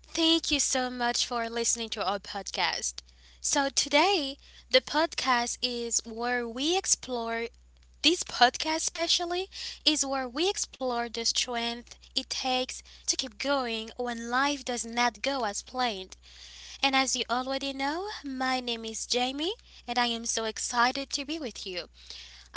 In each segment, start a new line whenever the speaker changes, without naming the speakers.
Thank you so much for listening to our podcast. So, today, the podcast is where we explore this podcast, especially, is where we explore the strength it takes to keep going when life does not go as planned. And as you already know, my name is Jamie, and I am so excited to be with you.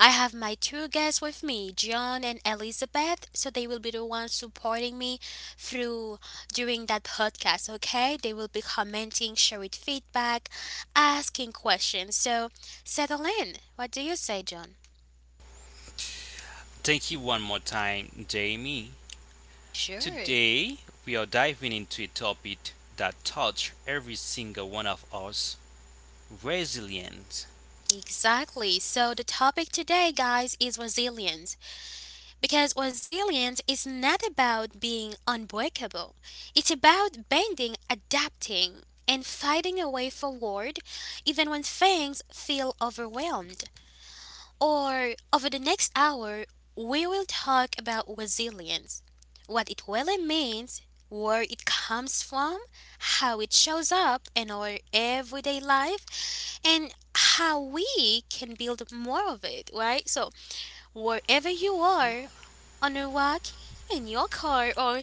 I have my two guests with me, John and Elizabeth, so they will be the ones supporting me through during that podcast, okay? They will be commenting, sharing feedback, asking questions. So settle in. What do you say, John?
Thank you one more time, Jamie.
Sure.
Today, we are diving into a topic that touch every single one of us resilience.
Exactly. So the topic today, guys, is resilience. Because resilience is not about being unbreakable, it's about bending, adapting, and fighting a way forward even when things feel overwhelmed. Or over the next hour, we will talk about resilience, what it really means, where it comes from, how it shows up in our everyday life, and how we can build more of it, right? So, wherever you are, on a walk, in your car, or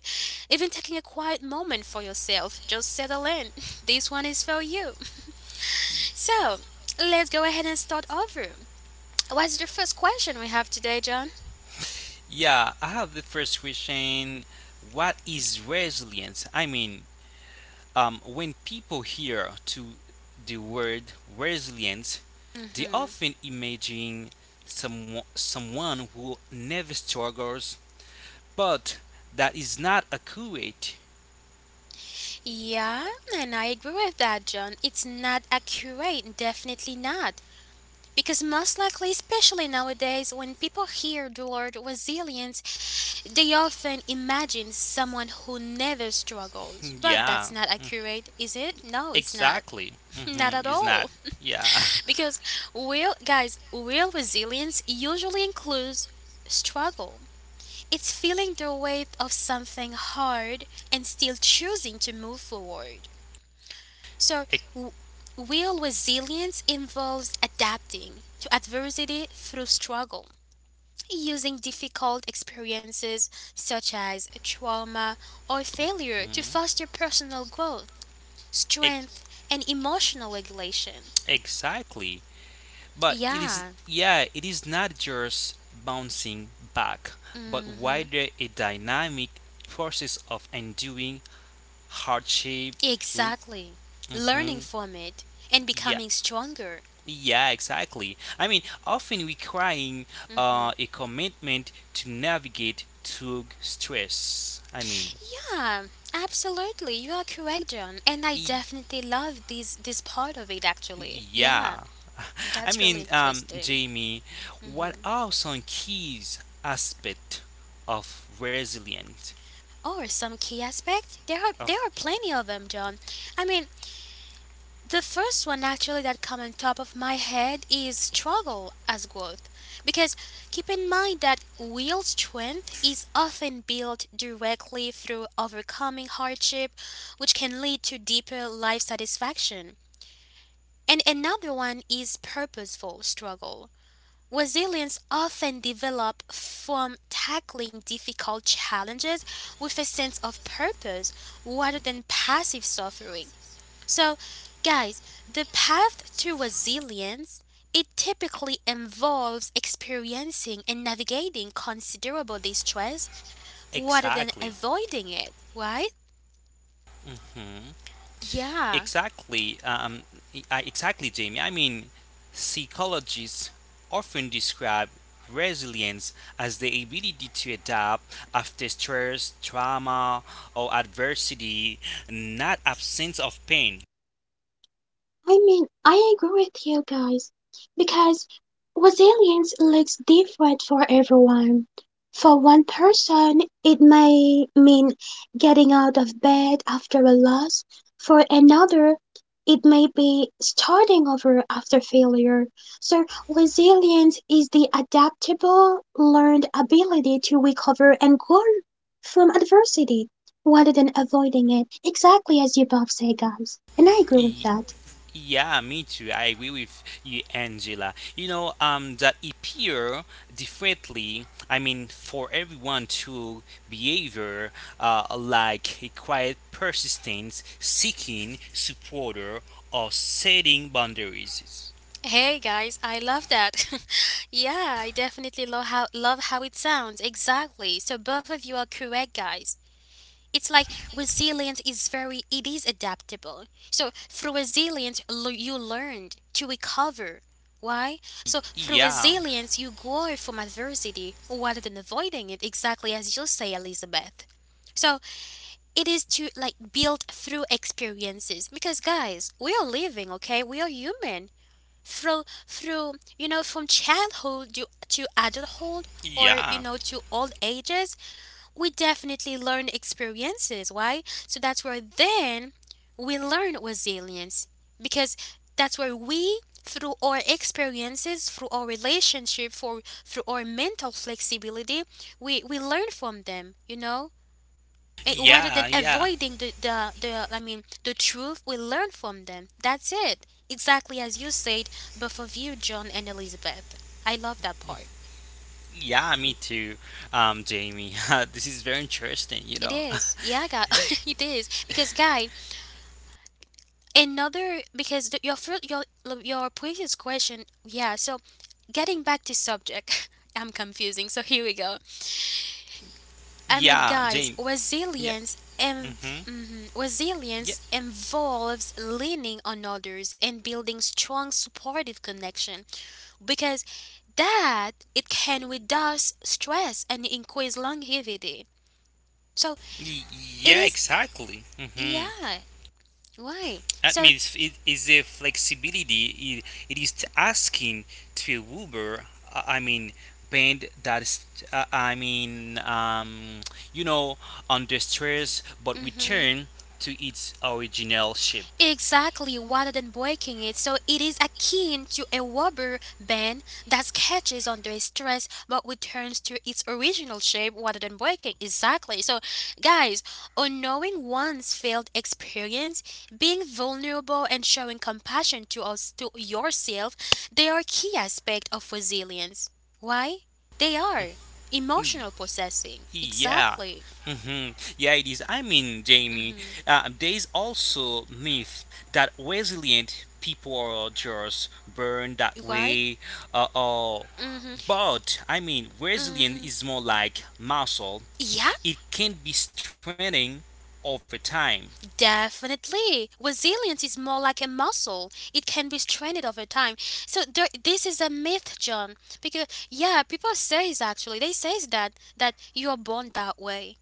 even taking a quiet moment for yourself, just settle in. This one is for you. So, let's go ahead and start over. What's the first question we have today, John?
Yeah, I have the first question. What is resilience? I mean, when people hear to the word resilience, they
Hmm.
often imagine someone who never struggles, but that is not accurate.
Yeah, and I agree with that, John. It's not accurate, definitely not. Because most likely, especially nowadays, when people hear the word resilience, they often imagine someone who never struggles. But that's
Yeah.
not accurate, is it? No, it's not.
Exactly.
Not
Mm-hmm.
at
Is not.
all.
Yeah.
Because real, guys, real resilience usually includes struggle. It's feeling the weight of something hard and still choosing to move forward. So,
Ex-
w- real resilience involves adapting to adversity through struggle, using difficult experiences such as trauma or failure to
mhm.
foster personal growth,
Ex-
strength, and emotional regulation.
exactly. But it is.
Yeah,
Yeah. It is not just bouncing back, but
hmm,
wider a dynamic process of enduring hardship. L-
exactly. Learning
mhm.
from it and
Yeah.
becoming stronger.
Yeah. Exactly. I mean, often requiring a
Mm-hmm.
commitment to navigate through stress. I mean.
Yeah, absolutely. You are correct, John. And I definitely love this part of it actually. Yeah,
Yeah. I
that's really
mean,
interesting.
Jamie, what
Hmm.
are some keys aspect of resilience?
Or some key aspect. There are there
Of
are plenty of them, John. I mean, the first one actually that come on top of my head is struggle as growth. Because keep in mind that real strength is often built directly through overcoming hardship, which can lead to deeper life satisfaction. And another one is purposeful struggle. Resilience often develops from tackling difficult challenges with a sense of purpose rather than passive suffering. So, guys, the path to resilience, it typically involves experiencing and navigating considerable distress rather than
Exactly,
avoiding it, right?
hmm
Yeah.
exactly, exactly, Jamie. I mean, psychologists often describe resilience as the ability to adapt after stress, trauma, or adversity, not absence of pain.
I mean, I agree with you guys because resilience looks different for everyone. For one person, it may mean getting out of bed after a loss. For another, it may be starting over after failure. So, resilience is the adaptable, learned ability to recover and grow from adversity rather than avoiding it, exactly as you both say, guys. And I agree with that.
Yeah, me too. I agree with you, Angela. You know, that appear differently. I mean, for everyone to behavior, like a quiet persistence, seeking supporter, or setting boundaries.
Hey guys, I love that. Yeah, I definitely love how it sounds. Exactly. So both of you are correct, guys. It's like resilience is very, it is adaptable. So through resilience, you learned to recover. Why? So through
Yeah,
resilience you grow from adversity rather than avoiding it, exactly as you say, Elizabeth. So it is to like build through experiences because, guys, we are living, okay? We are human through you know, from childhood to adulthood, or you
yeah,
know, to old ages, we definitely learn experiences. Why? So that's where then we learn resilience, because that's where we, through our experiences, through our relationship, for through our mental flexibility, we learn from them, you know, rather than
yeah, yeah,
avoiding the I mean the truth. We learn from them. That's it. Exactly as you said, but for you, John and Elizabeth. I love that part.
yeah. Me too, Jamie. This is very interesting. You
It
know.
is. Yeah, God, it is. Because guy, another, because your first your previous question, yeah, so getting back to subject, I'm confusing. So here we go. I mean,
Yeah,
guys,
Jamie. Yeah.
resilience
Mhm. Yeah.
resilience involves leaning on others and building strong supportive connection, because that it can reduce stress and increase longevity. So
y-
it
Yeah.
is,
Exactly. Mhm.
yeah, right.
That
So,
means it is a flexibility. It, it is asking to a Uber, I mean, band that's, I mean, you know, under stress, but
mhm.
return to its original shape.
Exactly, rather than breaking it. So it is akin to a rubber band that catches under stress but returns to its original shape rather than breaking. Exactly. So, guys, unknowing one's failed experience, being vulnerable, and showing compassion to us, to yourself, they are key aspect of resilience. Why? They are emotional processing.
Yeah.
Exactly.
Mhm. Yeah, it is. I mean, Jamie,
Mhm.
there is also myth that resilient people are just born that
Why?
way. Oh,
Mhm.
but I mean, resilient
Mhm.
is more like muscle.
Yeah,
It can be strengthening over time.
definitely. Resilience is more like a muscle. It can be strengthened over time. So there, this is a myth, John, because yeah, people says, actually they says that that you are born that way.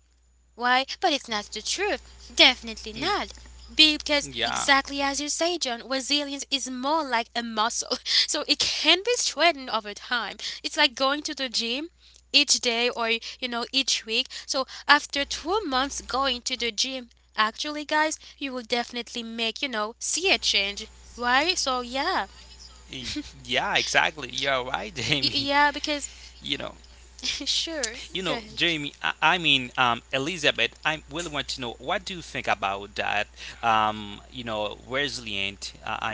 Why, but it's not the truth. Definitely not. Because
Yeah.
exactly as you say, John, resilience is more like a muscle. So it can be strengthened over time. It's like going to the gym each day, or you know, each week. So after 2 months going to the gym, actually guys, you will definitely make, you know, see a change. Why? So yeah.
Y- Yeah, exactly. You're right, Jamie.
Yeah,
You
because
know. You know,
sure.
Jamie,
Go
I,
ahead.
I mean, Elizabeth, I really want to know what do you think about that? You know, resilient. I mean,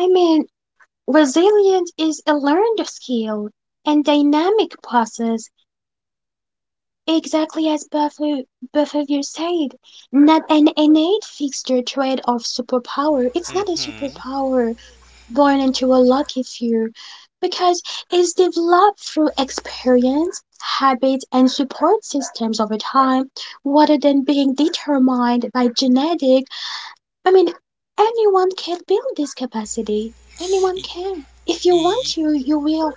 I mean, resilience is a learned skill and dynamic process, exactly as both of you said. Not an innate fixture trait of superpower. It's not a
hmm
superpower born into a lucky few, because it's developed through experience, habits, and support systems over time, rather than being determined by genetics. I mean, anyone can build this capacity. Anyone can. If you want to, you will.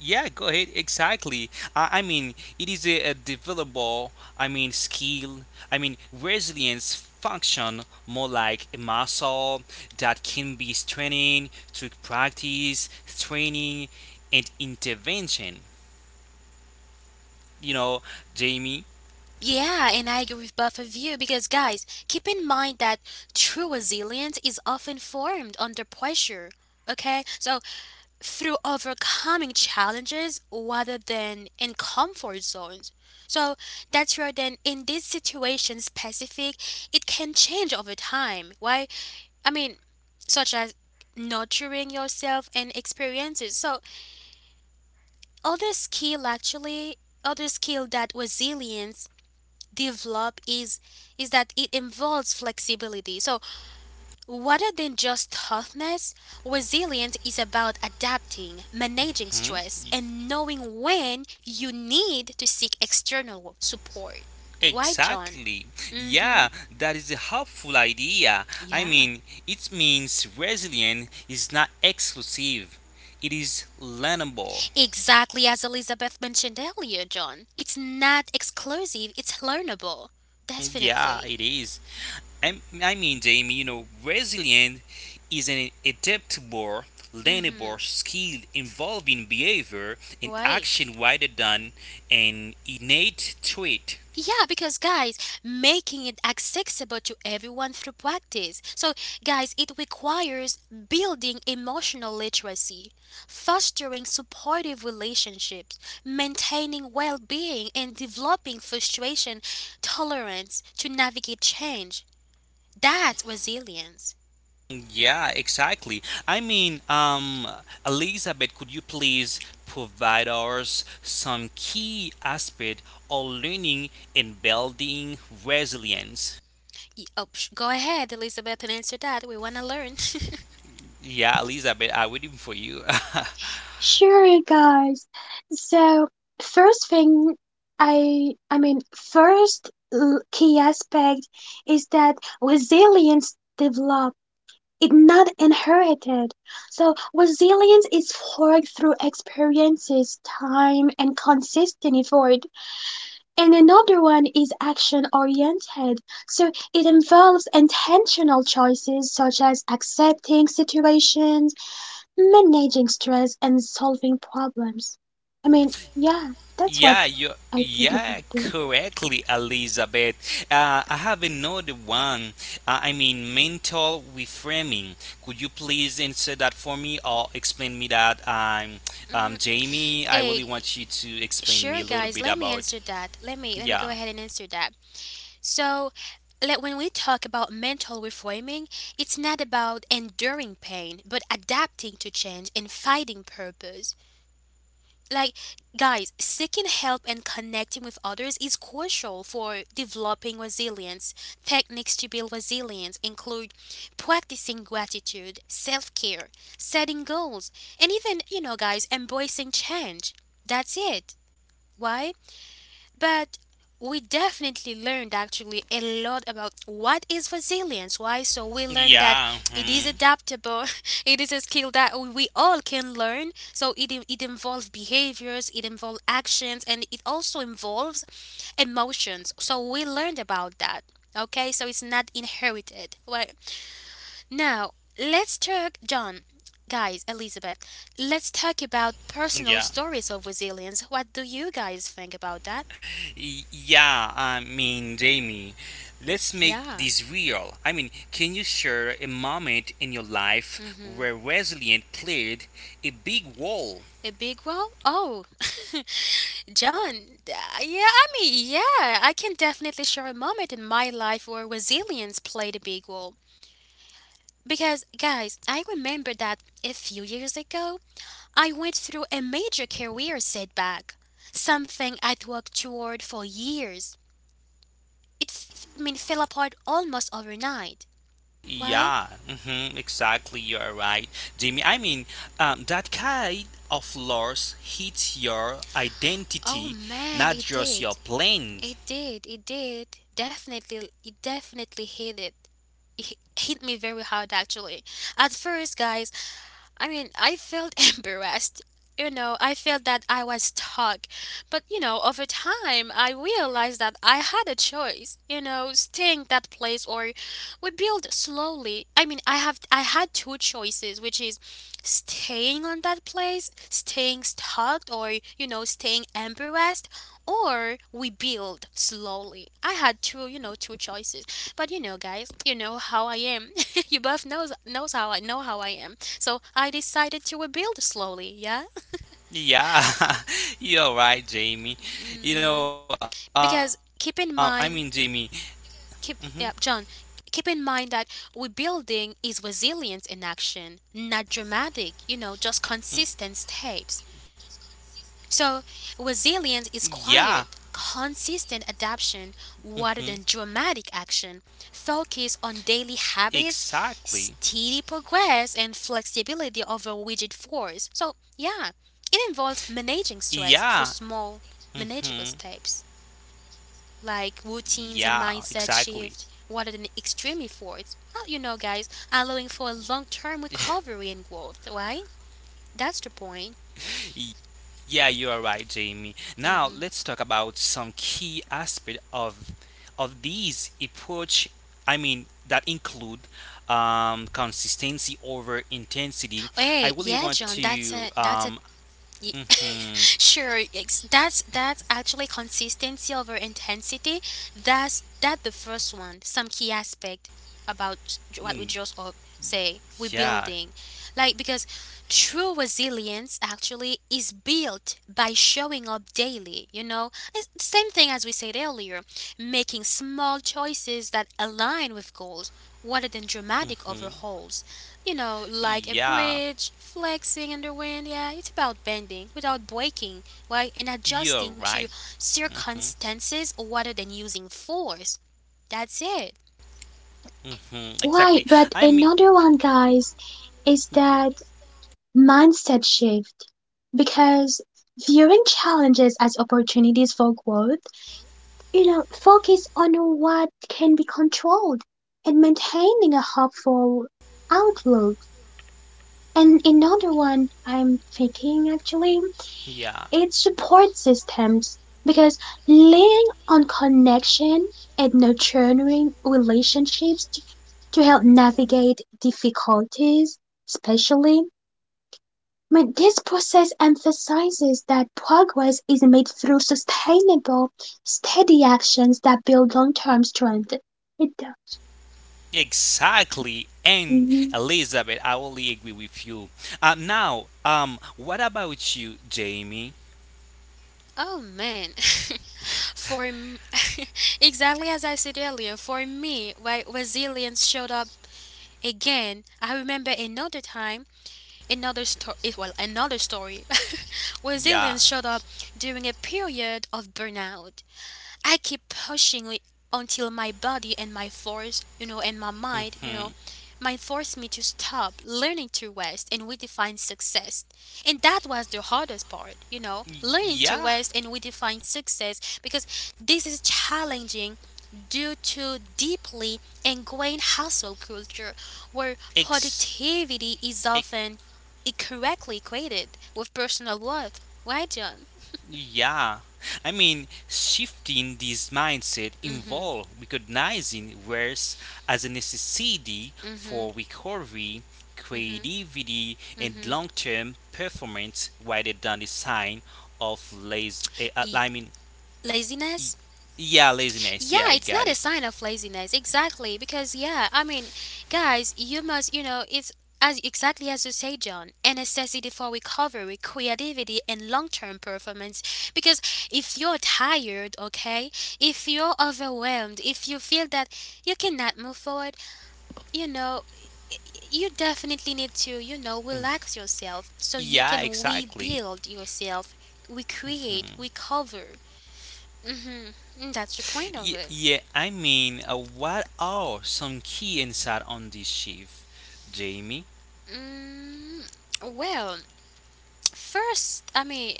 yeah, go ahead. Exactly. I mean, it is a developable. I mean, skill. I mean, resilience function more like a muscle that can be strengthened through practice, training, and intervention. You know, Jamie.
Yeah, and I agree with both of you because, guys, keep in mind that true resilience is often formed under pressure. Okay, so through overcoming challenges rather than in comfort zones. So that's where then, in this situation specific, it can change over time, right? I mean, such as nurturing yourself and experiences. So other skill actually, other skill that resilience develop is that it involves flexibility. So rather than just toughness, resilience is about adapting, managing
Hmm?
stress, and knowing when you need to seek external support. Right, John?
Exactly.
Mm-hmm.
Yeah, that is a helpful idea. I
Yeah.
mean, it means resilient is not exclusive, it is learnable.
Exactly as Elizabeth mentioned earlier, John. It's not exclusive, it's learnable.
Yeah,
Definitely.
it is. I mean, Jamie, you know, resilient is an adaptable,
Mm-hmm.
learnable skill involving behavior and
Right.
action rather than an innate trait.
Yeah, because guys, making it accessible to everyone through practice. So, guys, it requires building emotional literacy, fostering supportive relationships, maintaining well being, and developing frustration tolerance to navigate change. That's resilience.
Yeah, exactly. I mean, Elizabeth, could you please provide us some key aspect of learning and building resilience?
Go ahead, Elizabeth, and answer that. We want to learn.
Yeah, Elizabeth, I'm waiting for you.
Sure, guys. So, first thing key aspect is that resilience develop. It not inherited. So resilience is forged through experiences, time, and consistent effort. And another one is action oriented, so it involves intentional choices such as accepting situations, managing stress, and solving problems. I mean, yeah, that's what
Yeah, you
I think
yeah,
about it.
correctly, Elizabeth. I have another one. I mean, mental reframing. Could you please answer that for me or explain me that?
Mm,
Jamie, I really
hey,
want you to explain me
sure,
a little
guys.
bit
Let me
about.
answer that. Let me
Yeah,
go ahead and answer that. So, like when we talk about mental reframing, it's not about enduring pain, but adapting to change and finding purpose. Like, guys, seeking help and connecting with others is crucial for developing resilience. Techniques to build resilience include practicing gratitude, self care, setting goals, and even, you know, guys, embracing change. That's it. Why? But we definitely learned actually a lot about what is resilience. Why? So we learned that
yeah,
it is
mhm,
adaptable, it is a skill that we all can learn. So it involves behaviors, it involves actions, and it also involves emotions. So we learned about that. Okay, so it's not inherited. Well, now let's talk, John, guys, Elizabeth, let's talk about personal
yeah.
stories of resilience. What do you guys think about that?
Yeah, I mean, Jamie, let's make
Yeah.
this real. I mean, can you share a moment in your life
Mm-hmm.
where resilience played a big role?
A big well? Oh, John. Yeah, I mean, yeah, I can definitely share a moment in my life where resilience played a big role. Because, guys, I remember that a few years ago, I went through a major career setback, something I'd worked toward for years. It, I mean, fell apart almost overnight. Why?
Yeah, exactly. You're right, Jamie. I mean, that kind of loss hits your
Oh
identity,
man,
not
it
just your
did.
plans.
It did. It did. Definitely, it definitely hit it. Hit me very hard actually. At first, guys, I mean, I felt embarrassed, you know, I felt that I was stuck. But, you know, over time, I realized that I had a choice, you know, staying that place or we build slowly. I mean, I had two choices, which is staying on that place, staying stuck, or, you know, staying embarrassed or we build slowly. I had two, you know, two choices. But you know, guys, you know how I am. You both knows how I know how I am. So I decided to rebuild slowly. Yeah.
Yeah, you're right, Jamie. You know,
Hmm.
I mean, Jamie.
Because keep in mind,
hmm
keep yeah, John, keep in mind that rebuilding is resilience in action, not dramatic. You know, just consistent steps. So resilience is
yeah,
quiet, consistent adaptation rather
hmm
than dramatic action. Focus on daily habits,
exactly.
steady progress, and flexibility over rigid force. So yeah, it involves managing stress through
Yeah.
small, manageable
Hmm.
steps, like routines and mindset
Yeah,
shift
exactly.
rather than extreme efforts. Oh, you know, guys, allowing for a long term recovery and growth, right? That's the point.
Y- Yeah, you are right, Jamie. Now
Hmm.
let's talk about some key aspect of these approach. I mean that include consistency over intensity. I
Hey,
really
yeah,
want
John,
to.
Ye-
Mhm,
sure, that's actually consistency over intensity. That's that the first one, some key aspect about what we
mm,
just all say we're
yeah.
building, like, because true resilience actually is built by showing up daily, you know, it's the same thing as we said earlier, making small choices that align with goals rather than dramatic
hmm
overhauls. You know, like a
yeah.
bridge, flexing in the wind. Yeah, it's about bending without breaking, right? And
You're
adjusting to
right. Hmm.
circumstances rather than using force. That's it.
Hmm.
Why?
Exactly.
But
I mean.
another one, guys, is that mindset shift because viewing challenges as opportunities for growth, you know, focus on what can be controlled and maintaining a hopeful outlook. And another one I'm thinking actually,
Yeah.
it's support systems because leaning on connection and nurturing relationships to help navigate difficulties, especially I mean, this process emphasizes that progress is made through sustainable, steady actions that build long term strength. It does.
Exactly, and
hmm
Elizabeth, I only agree with you. Now, what about you, Jamie?
Oh man. For exactly as I said earlier, for me, why resilience showed up again. I remember another time. Another story, well, another story, where aliens
Yeah.
showed up during a period of burnout. I keep pushing it until my body and my force, and my mind,
Mm-hmm.
might force me to stop learning to rest and redefine success. And that was the hardest part, you know, learning to
Yeah.
rest and redefine success because this is challenging due to deeply ingrained hustle culture where
Ex.
productivity is
Ex
often incorrectly equated with personal worth. Right, John?
Yeah. I mean, shifting this mindset involves recognizing worth as a necessity
Mm-hmm,
for recovery, creativity, and
mm-hmm.
long-term performance, rather than a sign of lazy.
E-
I mean, Y-
Laziness.
yeah, laziness.
Yeah,
Yeah, you
it's not
got
a
it.
sign of laziness. Exactly, because yeah, I mean, guys, you must, you know, it's as exactly as you say, John, a necessity for recovery, creativity, and long-term performance. Because if you're tired, okay, if you're overwhelmed, if you feel that you cannot move forward, you know, you definitely need to, you know, relax yourself so you
Yeah,
can
exactly.
rebuild yourself, recreate, recover. Mm-hmm. Mm, that's the point of it.
Yeah, I mean, what are some key insight on this shift, Jamie?
Mm, well, first, I mean,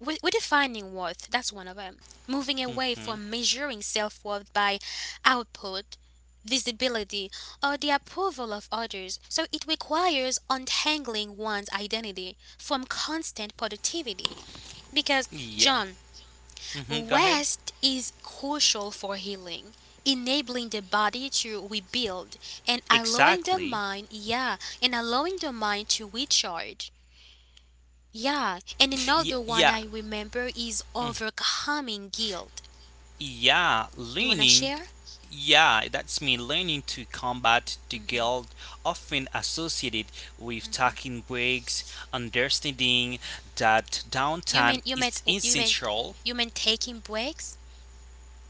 we're defining worth. That's one of them. Moving away
Mm-hmm.
from measuring self worth by output, visibility, or the approval of others. So it requires untangling one's identity from constant productivity. Because,
Yeah.
John,
Mm-hmm. Go ahead.
rest is crucial for healing, enabling the body to rebuild and allowing the
Exactly.
mind, yeah, and allowing the mind to recharge. Yeah, and
Yeah.
another
Yeah.
one I remember is overcoming guilt.
Yeah.
You wanna
Learning.
share?
Yeah, that's me. Learning to combat the guilt often associated with taking breaks, understanding that
You
downtime
mean you meant
is
you meant
essential.
you meant taking breaks?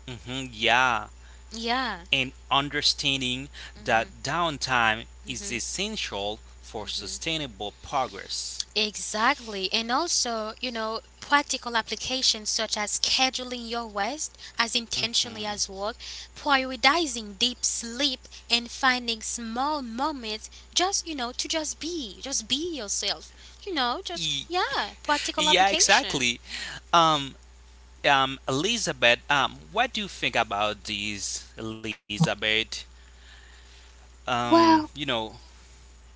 Mm-hmm. Yeah.
Yeah.
And understanding that
Mhm.
downtime is essential for
Mhm.
sustainable progress.
Exactly. And also, you know, practical applications such as scheduling your rest as intentionally
Mhm.
as work, prioritizing deep sleep, and finding small moments just, you know, to just be yourself. You know, just,
Ye-
yeah, practical
Yeah,
application.
exactly. Um, Elizabeth, what do you think about this, Elizabeth? You
Well,
know,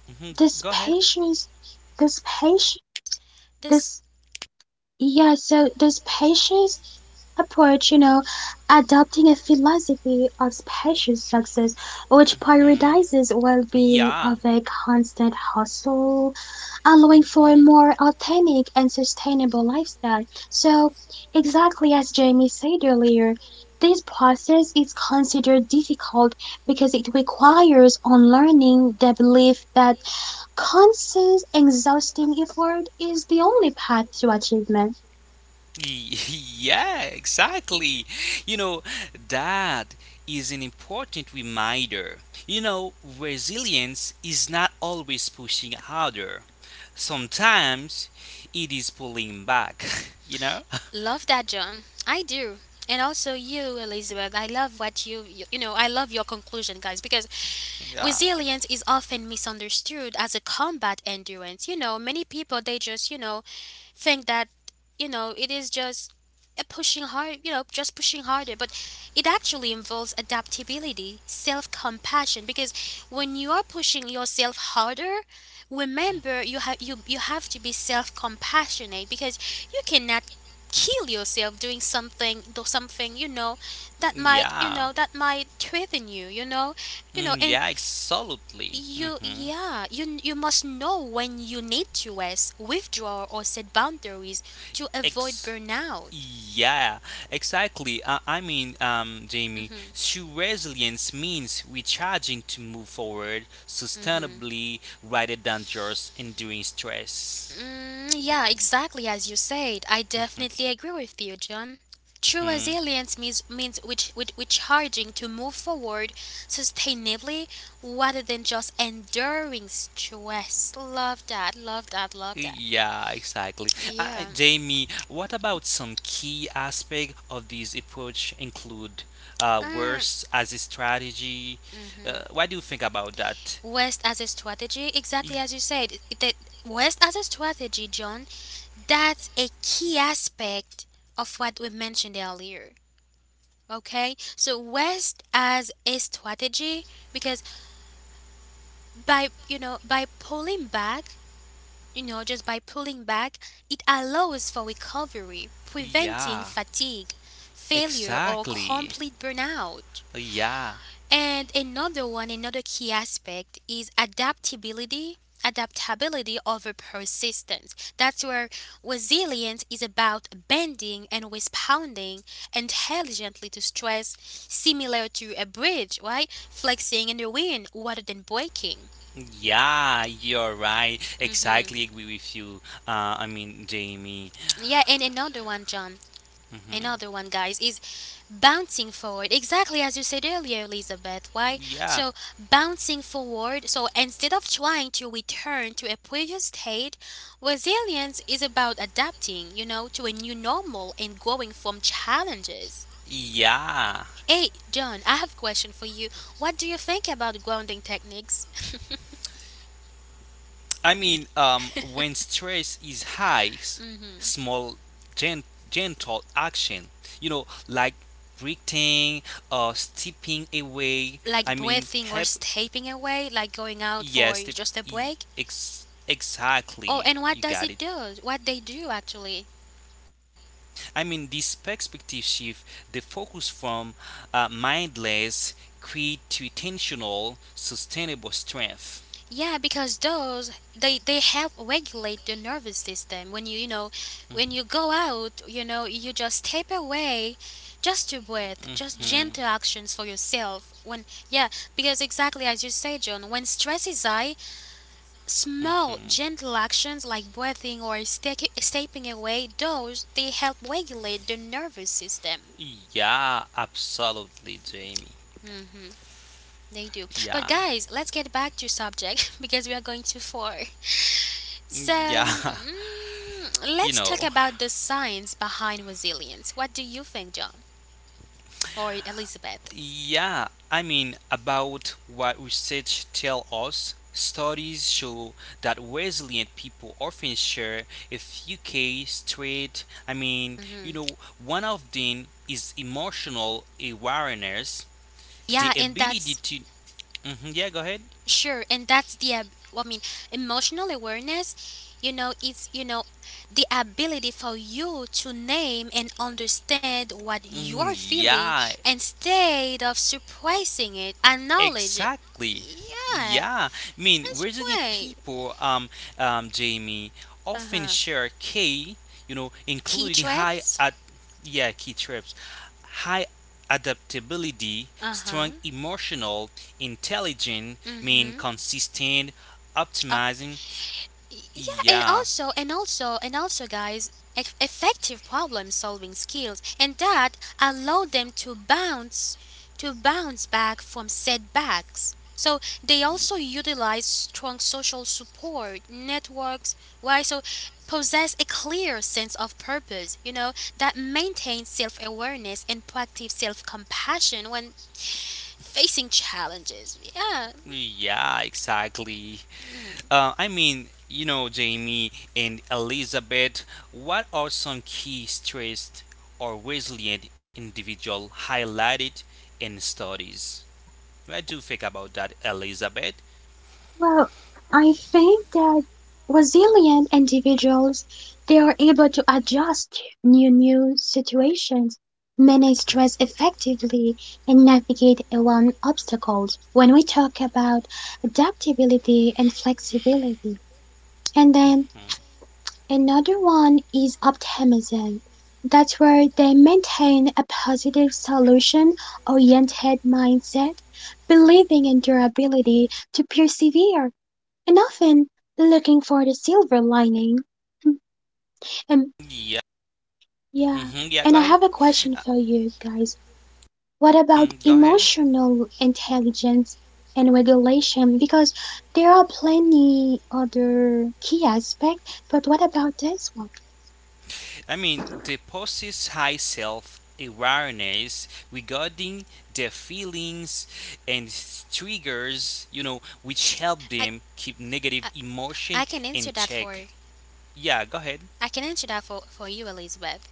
mhm,
this
go ahead.
patience, this patience,
This,
this, yeah, so this patience approach, you know, adopting a philosophy of spacious success, which
Mhm.
prioritizes well being of
Yeah.
a constant hustle, allowing for a
Mhm.
more authentic and sustainable lifestyle. So, exactly as Jamie said earlier, this process is considered difficult because it requires unlearning the belief that constant, exhausting effort is the only path to achievement.
Y- Yeah, exactly. You know, that is an important reminder. You know, resilience is not always pushing harder. Sometimes it is pulling back, you know?
love that, John. I do. And also you, Elizabeth. I love what you, you know, I love your conclusion, guys, because
Yeah.
resilience is often misunderstood as a combat endurance. You know, many people they just, you know, think that, you know, it is just a pushing hard, you know, just pushing harder, but it actually involves adaptability, self-compassion because when you are pushing yourself harder, remember you you have to be self-compassionate because you cannot kill yourself doing something do something you know that might you
Yeah.
know that might threaten you you know and
Yeah, absolutely.
you
Hmm.
yeah you you must know when you need to rest, withdraw, or set boundaries to avoid
Ex-
burnout.
yeah, exactly. I mean, Jamie,
Mhm,
true resilience means recharging to move forward
mhm.
sustainably rather than just enduring stress.
Mm, yeah, exactly as you said. I definitely agree with you, John. True
Hmm.
resilience means means which charging to move forward sustainably rather than just enduring stress. Love that. Love that. Love that.
Yeah, exactly.
Yeah.
Jamie, what about some key aspect of this approach include
Mm,
worst as a strategy?
mhm.
What do you think about that?
West as a strategy, exactly
Y-
as you said. The west as a strategy, John. That's a key aspect of what we mentioned earlier. Okay, so rest as a strategy because by you know by pulling back, you know just by pulling back, it allows for recovery, preventing
Yeah,
fatigue, failure, or
exactly.
complete burnout.
Yeah.
And another one, another key aspect is adaptability. Adaptability over persistence. That's where resilience is about bending and responding intelligently to stress, similar to a bridge, right? Flexing in the wind rather than breaking.
Yeah, you're right.
Hmm.
Exactly agree with you. I mean, Jamie.
Yeah, and another one, John. Another
hmm
one, guys, is bouncing forward. Exactly as you said earlier, Elizabeth. Why?
Yeah,
So, bouncing forward. So, instead of trying to return to a previous state, resilience is about adapting, you know, to a new normal and growing from challenges.
yeah.
Hey, John, I have a question for you. What do you think about grounding techniques?
I mean, when stress is high,
Mhm.
small, gen- gentle action, you know, like breathing or stepping away. I
Like
mean,
breathing or
help.
stepping away, like going out for
Yes,
just a
e-
break? Oh,
exactly.
and what
You
does
got
it do? What they do actually?
I mean, this perspective shift the focus from mindless greed to intentional, sustainable strength.
Yeah, because those they help regulate the nervous system. When you know, when you go out, you know, you just step away, just to breathe, just
hmm
gentle actions for yourself. When yeah, because exactly as you say, John, when stress is high, small
hmm
gentle actions like breathing or stepping away, those they help regulate the nervous system.
Yeah, absolutely, Jamie.
Mm, they do. But
Yeah,
guys, let's get back to subject because we are going too far. So,
yeah,
mm, mm,
you
let's
know.
talk about the science behind resilience. What do you think, John or Elizabeth?
Yeah, I mean, about what research tell us, studies show that resilient people often share a few case traits. I mean, you
Hmm.
know, one of them is emotional awareness,
Yeah,
the
and
ability
that's
to. Mhm, yeah, go ahead.
sure, and that's the well, I mean, emotional awareness. You know, it's you know the ability for you to name and understand what you're feeling
Yeah,
instead of suppressing it, acknowledge it.
exactly.
Yeah,
Yeah. I mean,
that's the
resilient
point.
people, Jamie,
Uh
often
huh.
share key, you know,
Key
including high
traits.
at yeah key traits, high adaptability,
Uh huh.
strong emotional intelligence, I mean
Mm-hmm.
consistent optimizing.
Yeah, and
Yeah.
also and also and also guys, effective problem solving skills and that allow them to bounce back from setbacks, so they also utilize strong social support networks. Why? So possess a clear sense of purpose, you know, that maintains self-awareness and proactive self-compassion when facing challenges. Yeah.
Yeah. Exactly.
Mm,
I mean, you know, Jamie and Elizabeth, what are some key stressed or resilient individual highlighted in studies? What do you think about that, Elizabeth?
Well, I think that resilient individuals, they are able to adjust new situations, manage stress effectively, and navigate around obstacles. When we talk about adaptability and flexibility, and then another one is optimism. That's where they maintain a positive solution oriented mindset, believing in their ability to persevere and often looking for the silver lining. And
Yeah.
yeah,
Hmm. Yeah, go
and I
ahead.
have a
Uh,
question for you guys. What about
Go ahead.
emotional intelligence and regulation? Because there are plenty other key aspects, but what about this one?
I mean, they possess high self awareness regarding their feelings and triggers, you know, which help
I,
them keep negative
I
emotion
I can
in
answer that for
check. Yeah, go ahead.
I can answer that for you, Elizabeth.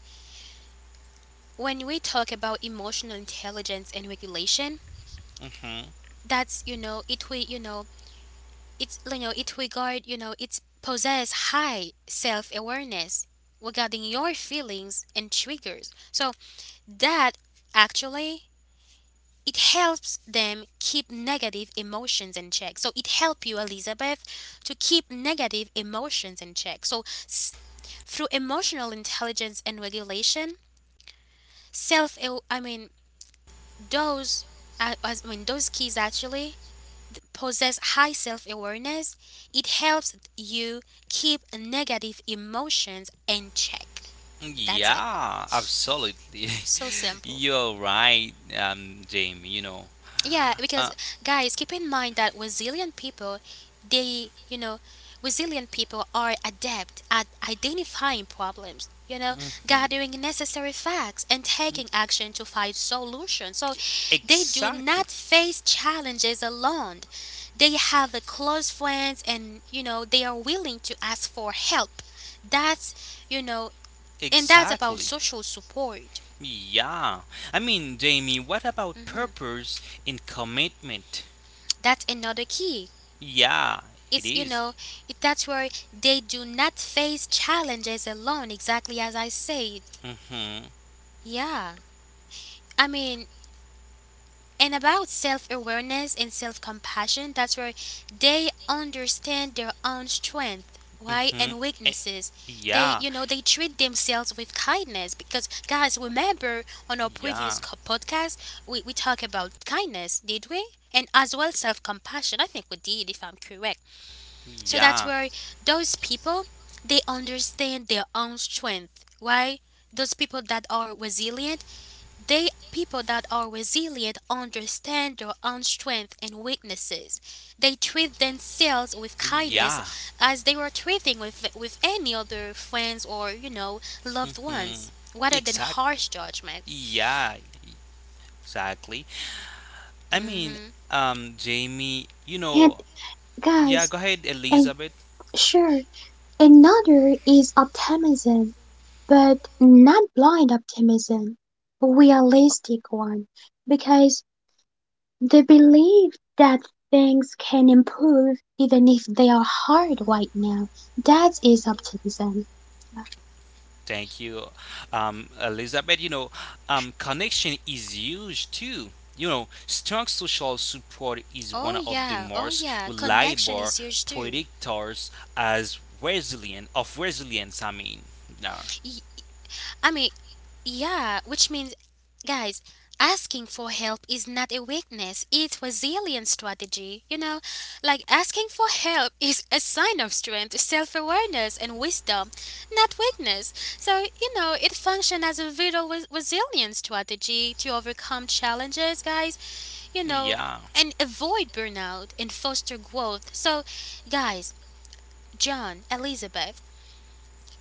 When we talk about emotional intelligence and regulation,
hmm
that's you know it we you know it's you know it regard you know it's possess high self awareness regarding your feelings and triggers. So that actually it helps them keep negative emotions in check. So it help you, Elizabeth, to keep negative emotions in check. So s- through emotional intelligence and regulation, self I mean those, I mean, those keys actually possess high self-awareness. It helps you keep negative emotions in check. That's it.
Yeah, absolutely.
So simple.
You're right, Jamie, you know.
Yeah, because
Uh,
guys, keep in mind that resilient people, they, you know, resilient people are adept at identifying problems, you know,
hmm
gathering necessary facts and taking action to find solutions. So they do
Exactly,
not face challenges alone. They have a close friends and, you know, they are willing to ask for help. That's, you know, and that's about
exactly.
social support.
Yeah. I mean, Jamie, what about
Mhm.
purpose and commitment?
That's another key
Yeah, it
it's you
is.
know it, that's where they do not face challenges alone exactly as I said.
Mhm,
Yeah, I mean, and about self-awareness and self-compassion, that's where they understand their own strength, right,
mhm.
and
Eh,
weaknesses. They
Yeah,
you know they treat themselves with kindness because guys remember on our
yeah,
previous podcast we talk about kindness did we, and as well self-compassion, I think we did if I'm correct. So that's
yeah,
where those people they understand their own strength, right? Those people that are resilient, they people that are resilient understand their own strength and weaknesses. They treat themselves with kindness
yeah.
as they were treating with any other friends or, you know, loved
Mm.
ones, rather than
Exact.
harsh judgment.
Yeah, exactly. I mean, Jamie, you
And
know, yeah.
guys,
Go ahead,
and
Elizabeth.
sure, another is optimism, but not blind optimism, realistic one. Because the belief that things can improve even if they are hard right now. That is optimism.
Thank you, Elizabeth. You know, connection is huge too. You know, strong social support is
Oh
one of the
yeah, oh
most
yeah, connection
reliable
is huge too.
predictors as resilient of resilience. I mean, no,
I mean, yeah, which means, guys, asking for help is not a weakness, it's resilience strategy, you know? Like asking for help is a sign of strength, self-awareness and wisdom, not weakness. So, you know, it functions as a vital resilience strategy to overcome challenges, guys, you know,
yeah,
and avoid burnout and foster growth. So, guys, John, Elizabeth,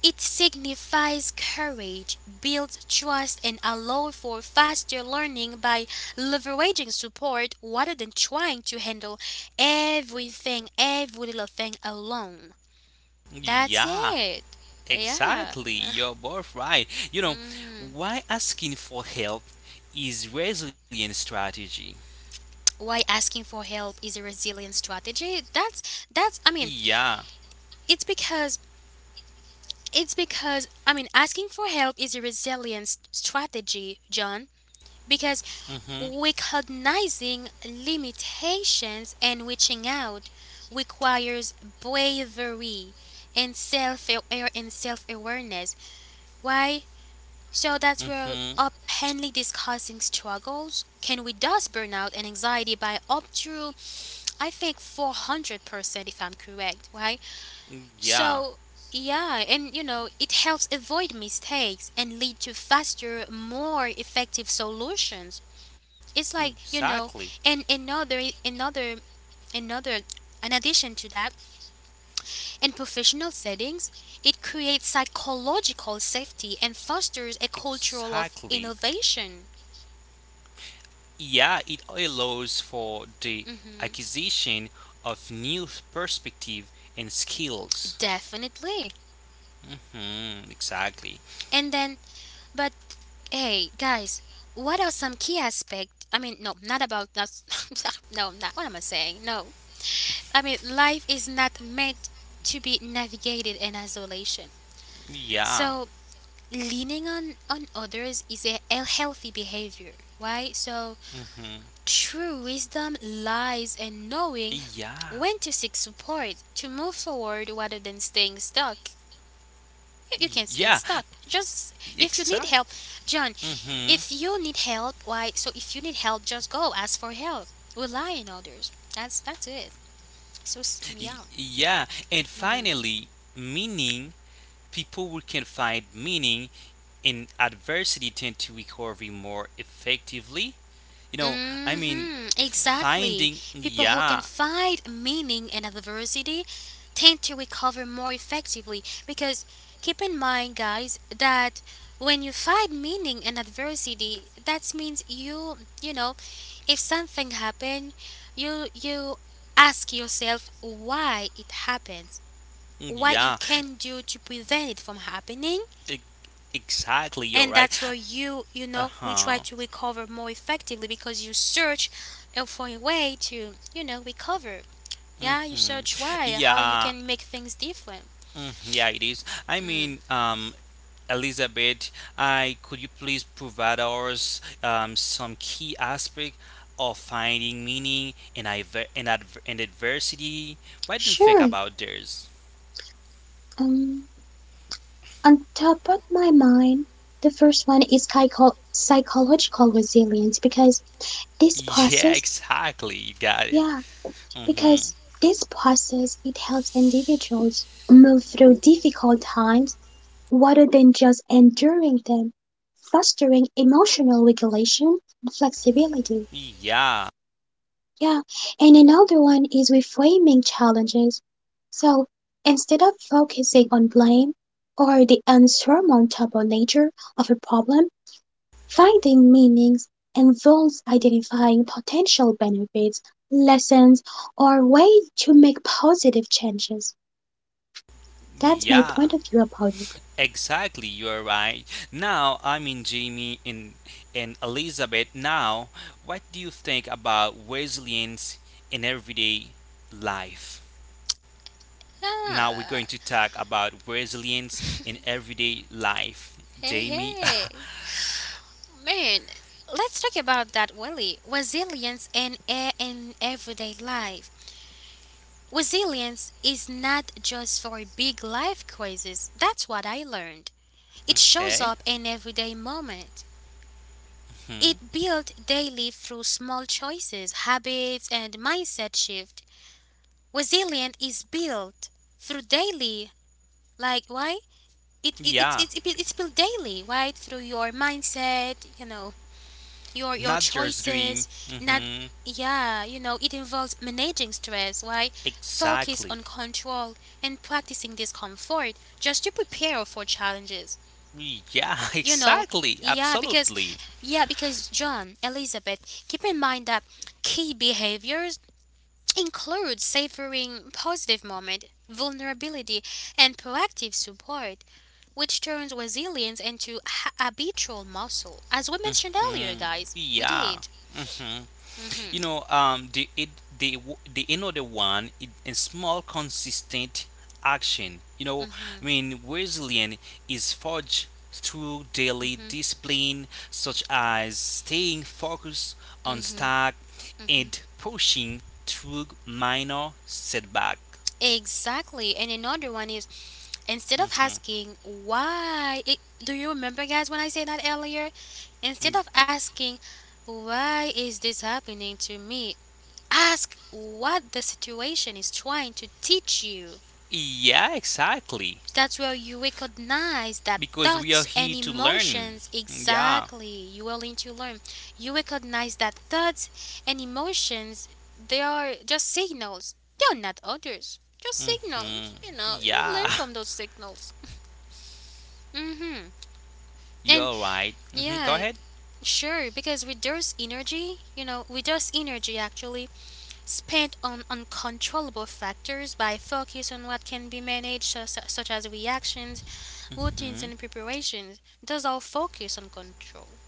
it signifies courage, builds trust, and allows for faster learning by leveraging support rather than trying to handle everything, every little thing alone. That's
yeah,
it. Yeah.
exactly. You're both right. You know,
Mhm.
why asking for help is resilient strategy.
Why asking for help is a resilient strategy? That's that's.
Yeah.
I mean, it's because it's because I mean asking for help is a resilience strategy, John. Because
Mhm.
recognizing limitations and reaching out requires bravery and self awareness. Why? So
Mhm.
that we're openly discussing struggles. Can reduce burnout and anxiety by up to I think 400% if I'm correct, right?
Yeah.
So yeah, and you know, it helps avoid mistakes and lead to faster, more effective solutions. It's like you
Exactly.
know, and another in addition to that, in professional settings it creates psychological safety and fosters a culture of
Exactly.
innovation.
Yeah, it allows for the
Hmm,
acquisition of new perspective and skills.
definitely.
Hmm, exactly.
And then but hey guys what are some key aspects I mean no not about that. No, not what am I saying, no, I mean life is not meant to be navigated in isolation.
Yeah.
So leaning on others is a healthy behavior right? So
Hmm.
true wisdom lies in knowing
Yeah.
when to seek support to move forward rather than staying stuck. You can't stay
Yeah.
stuck just if you need
Exactly.
help, John.
Hmm.
If you need help, why so if you need help just go ask for help, rely on others. That's it. So yeah.
Yeah. And finally, meaning. People who can find meaning in adversity tend to recover more effectively. You know, I mean,
Hmm, exactly.
finding
People who can
yeah,
find meaning in adversity tend to recover more effectively because keep in mind, guys, that when you find meaning in adversity, that means you, you know, if something happened, you ask yourself why it happens, what you
yeah,
can do to prevent it from happening,
E- exactly, you're
and
right.
that's where you
Uh
know you try
huh.
to recover more effectively because you search for a way to you know recover. Yeah, you
hmm
search why how you
Yeah.
can make things different.
Yeah, it is. I
Mm.
mean, Elizabeth, I could you please provide us some key aspect of finding meaning in in adversity? What do you think
Sure.
about this?
Um, on top of my mind, the first one is psychological resilience because this
Yeah,
process,
exactly. You got it.
yeah,
Mm-hmm.
because this process it helps individuals move through difficult times rather than just enduring them, fostering emotional regulation and flexibility.
Yeah.
Yeah, and another one is reframing challenges. So instead of focusing on blame or the unsurmountable nature of a problem, finding meanings involves identifying potential benefits, lessons, or ways to make positive changes. That's my
Yeah.
point of view about it.
Exactly, you are right. Now, I mean Jamie and Elizabeth. Now, what do you think about resilience in everyday life? Now we're
Ah,
going to talk about resilience in everyday life.
hey
Jamie,
hey man, let's talk about that willie resilience and air in everyday life. Resilience is not just for big life crises, that's what I learned. It shows
okay?
up in everyday moment.
hmm
It built daily through small choices, habits, and mindset shift. Resilience is built through daily. Like why? It, it, it,
Yeah,
it, it's built daily, right? Through your mindset, you know, your
not just dream.
choices. Not
Hmm.
yeah, you know, it involves managing stress, right? Focus
Exactly.
on control and practicing discomfort just to prepare for challenges.
Yeah,
you know
exactly.
yeah, because
Absolutely.
John, Elizabeth, keep in mind that key behaviors include savoring positive moment vulnerability and proactive support, which turns resilience into habitual muscle as we mentioned earlier,
Mm,
guys. We
yeah.
did.
Hmm.
Mm-hmm,
You know, the it the w- the another one is a small consistent action. You know,
mm-hmm,
I mean, resilience is forged through daily
mm-hmm,
discipline, such as staying focused on
mm-hmm.
stack
Mm-hmm.
and pushing through minor setbacks.
Exactly. And another one is, instead of asking why, do you remember, guys, when I said that earlier? Instead of asking why is this happening to me, ask what the situation is trying to teach you.
Yeah, exactly.
That's where you recognize that
Because we are
thoughts
here
and
to learn.
emotions,
Yeah.
exactly, you are willing to learn. You recognize that thoughts and emotions, they are just signals. They're not orders. Just
hmm
signals. You know, you
Yeah.
learn from those signals. Mm-hmm. And.
You're right. Hmm. Go
Yeah,
ahead.
sure, because with those energy, actually spent on uncontrollable factors by focus on what can be managed, such as reactions, routines,
Mm-hmm.
and preparations. Those all focus on control.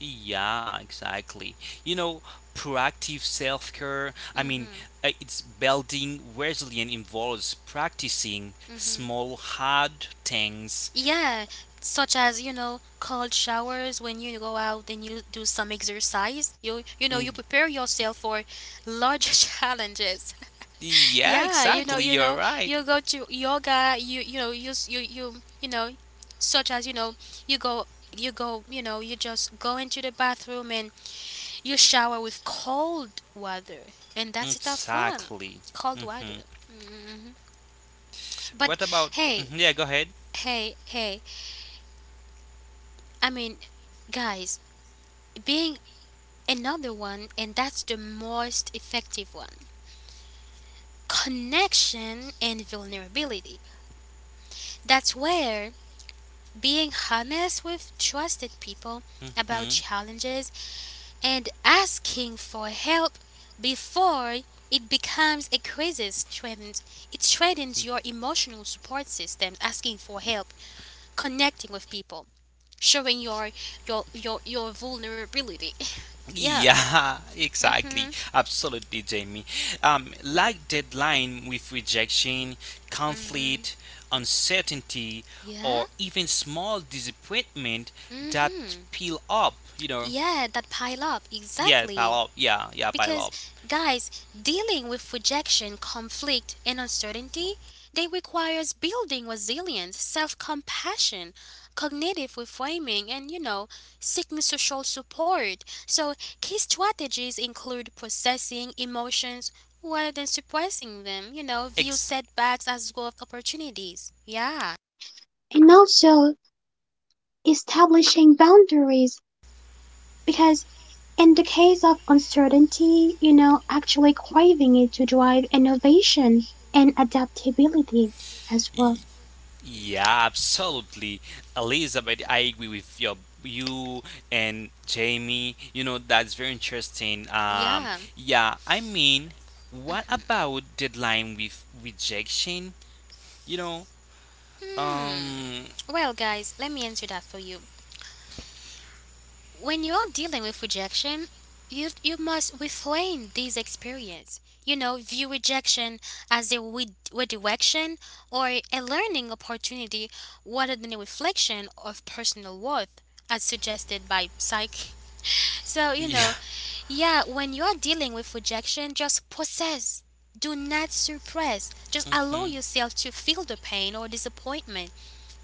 Yeah, exactly. You know, proactive self care, I mean,
Mm-hmm.
it's building resilience involves practicing
Mm-hmm.
small, hard things.
Yeah, such as, you know, cold showers when you go out and you do some exercise. You
Mm,
you know, you prepare yourself for large challenges.
Yeah,
Yeah,
exactly.
you know,
You're right.
you go to yoga, you know, you know, such as, you know, you go you go, you know, you just go into the bathroom and you shower with cold water, and that's a tough one,
Exactly.
cold
Hmm.
water. hmm But
What about?
hey,
Mhm, yeah, go ahead.
hey, I mean, guys, being another one, and that's the most effective one. Connection and vulnerability. That's where being honest with trusted people about
Hmm?
challenges and asking for help before it becomes a crisis, threatens your emotional support system, asking for help, connecting with people, showing your vulnerability. Yeah.
Yeah, exactly.
Mhm.
Absolutely, Jamie. Like deadline with rejection,
Mhm.
conflict, uncertainty,
Yeah.
or even small disappointment that
Mhm.
pile up, you know.
Yeah, that pile up,
Yeah, pile
exactly.
up. Yeah, yeah, pile
Because,
up.
guys, dealing with rejection, conflict, and uncertainty, they requires building resilience, self-compassion, cognitive reframing, and, you know, seeking social support. So, key strategies include processing emotions rather than suppressing them, you know, view setbacks as growth opportunities. Yeah,
And also establishing boundaries because in the case of uncertainty, you know, actually craving it to drive innovation and adaptability as well.
Y- Yeah, absolutely, Elizabeth. I agree with you and Jamie. You know that's very interesting.
yeah.
Yeah, I mean, what about deadline with rejection? You know,
Hmm.
um,
Well, guys, let me answer that for you. When you're dealing with rejection, you must reframe these experience. You know, view rejection as a redirection or a learning opportunity rather than a reflection of personal worth, as suggested by psych. So, you
yeah,
know, yeah, when you're dealing with rejection, just process. Do not suppress. Just allow
hmm
yourself to feel the pain or disappointment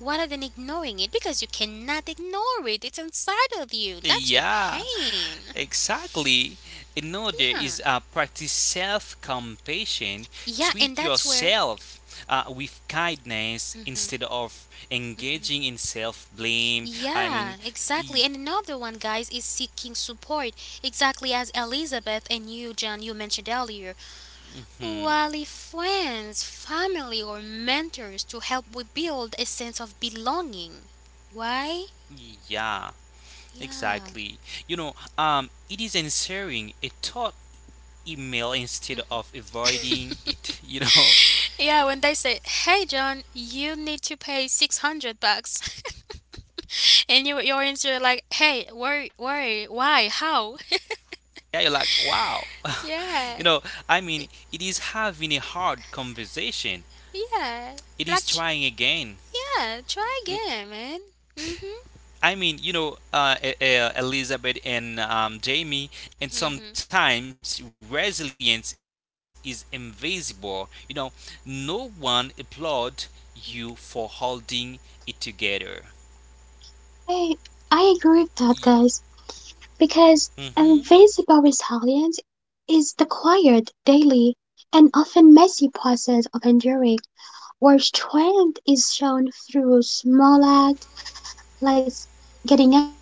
rather than ignoring it, because you cannot ignore it. It's inside of you. That's the
yeah.
pain.
Exactly. Another
Yeah.
is practice self compassion.
Yeah, and
Treat
that's where.
yourself with kindness
Mhm.
instead of engaging in self blame. I mean,
Yeah,
y-
exactly. And another one, guys, is seeking support. Exactly, as Elizabeth and you, John, you mentioned earlier.
hmm,
Wally friends, family or mentors to help rebuild a sense of belonging. Why?
yeah,
Yeah.
exactly. You know, it is answering a thought email instead of avoiding it.
Yeah, when they say, "Hey John, you need to pay 600 bucks." And you, your answer like, hey, where, why, how?
Yeah, you're like wow.
Yeah,
you know I mean, it is having a hard conversation.
yeah.
It
Like,
is trying again.
yeah, try again, man. Mm-hmm.
I mean, you know, Elizabeth and Jamie, and
Mm-hmm.
sometimes resilience is invisible. You know, no one applaud you for holding it together.
I, I agree with that, guys,
Mm-hmm.
because invisible resilience is the quiet, daily, and often messy process of enduring, where strength is shown through small acts like getting out of the bed,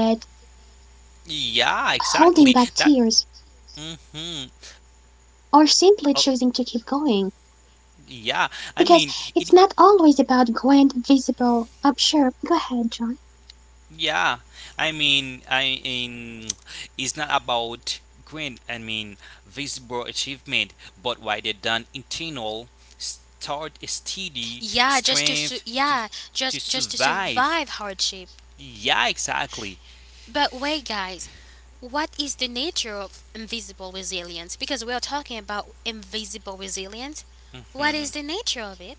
holding back tears,
Yeah, exactly. That.
or
Mm-hmm.
simply choosing to keep going.
Oh,
Because
yeah.
it's not
I mean,
always
it
about grand, visible, sure, go ahead, John.
yeah, I mean, I in it's not about grand, I mean, visible achievement, but rather than internal, start a steady strength to
Yeah, just to
survive.
survive hardship.
Yeah, exactly.
But wait, guys, what is the nature of invisible resilience? Because we are talking about invisible resilience. What
Hmm.
is the nature of it?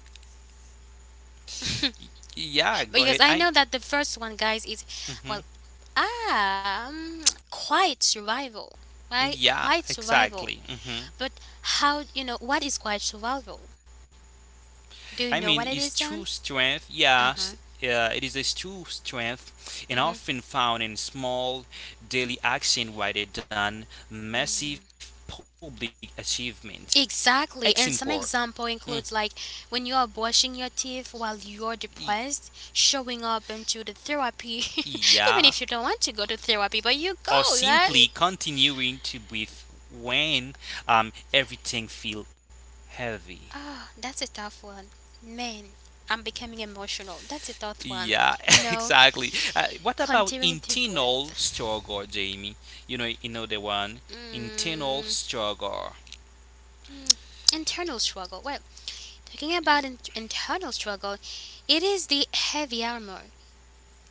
Yeah, go
Because
ahead.
I
I.
know that the first one, guys, is, well,
Mhm.
ah, um, quiet survival, right?
Yeah,
Quiet survival.
exactly. Mm-hmm.
But how, you know, what is quiet survival? Do
I
you
mean,
know what
its
it is,
true
John?
strength, yeah,
Uh huh.
it is a true strength and
Mm-hmm.
often found in small daily action rather than massive public achievement. Example,
Exactly. And some
mm,
example includes, like, when you are brushing your teeth while you're
y-
depressed, showing up into the therapy,
yeah,
even if you don't want to go to therapy, but you
or
go,
simply
right?
continuing to breathe when everything feels heavy.
Oh, that's a tough one. Man, I'm becoming emotional. That's a tough one.
Yeah,
You know,
exactly. What about
continuing to
internal
breathe.
struggle, Jamie? You know the one internal
Mm,
struggle.
Internal struggle. Well, talking about internal struggle, it is the heavy armor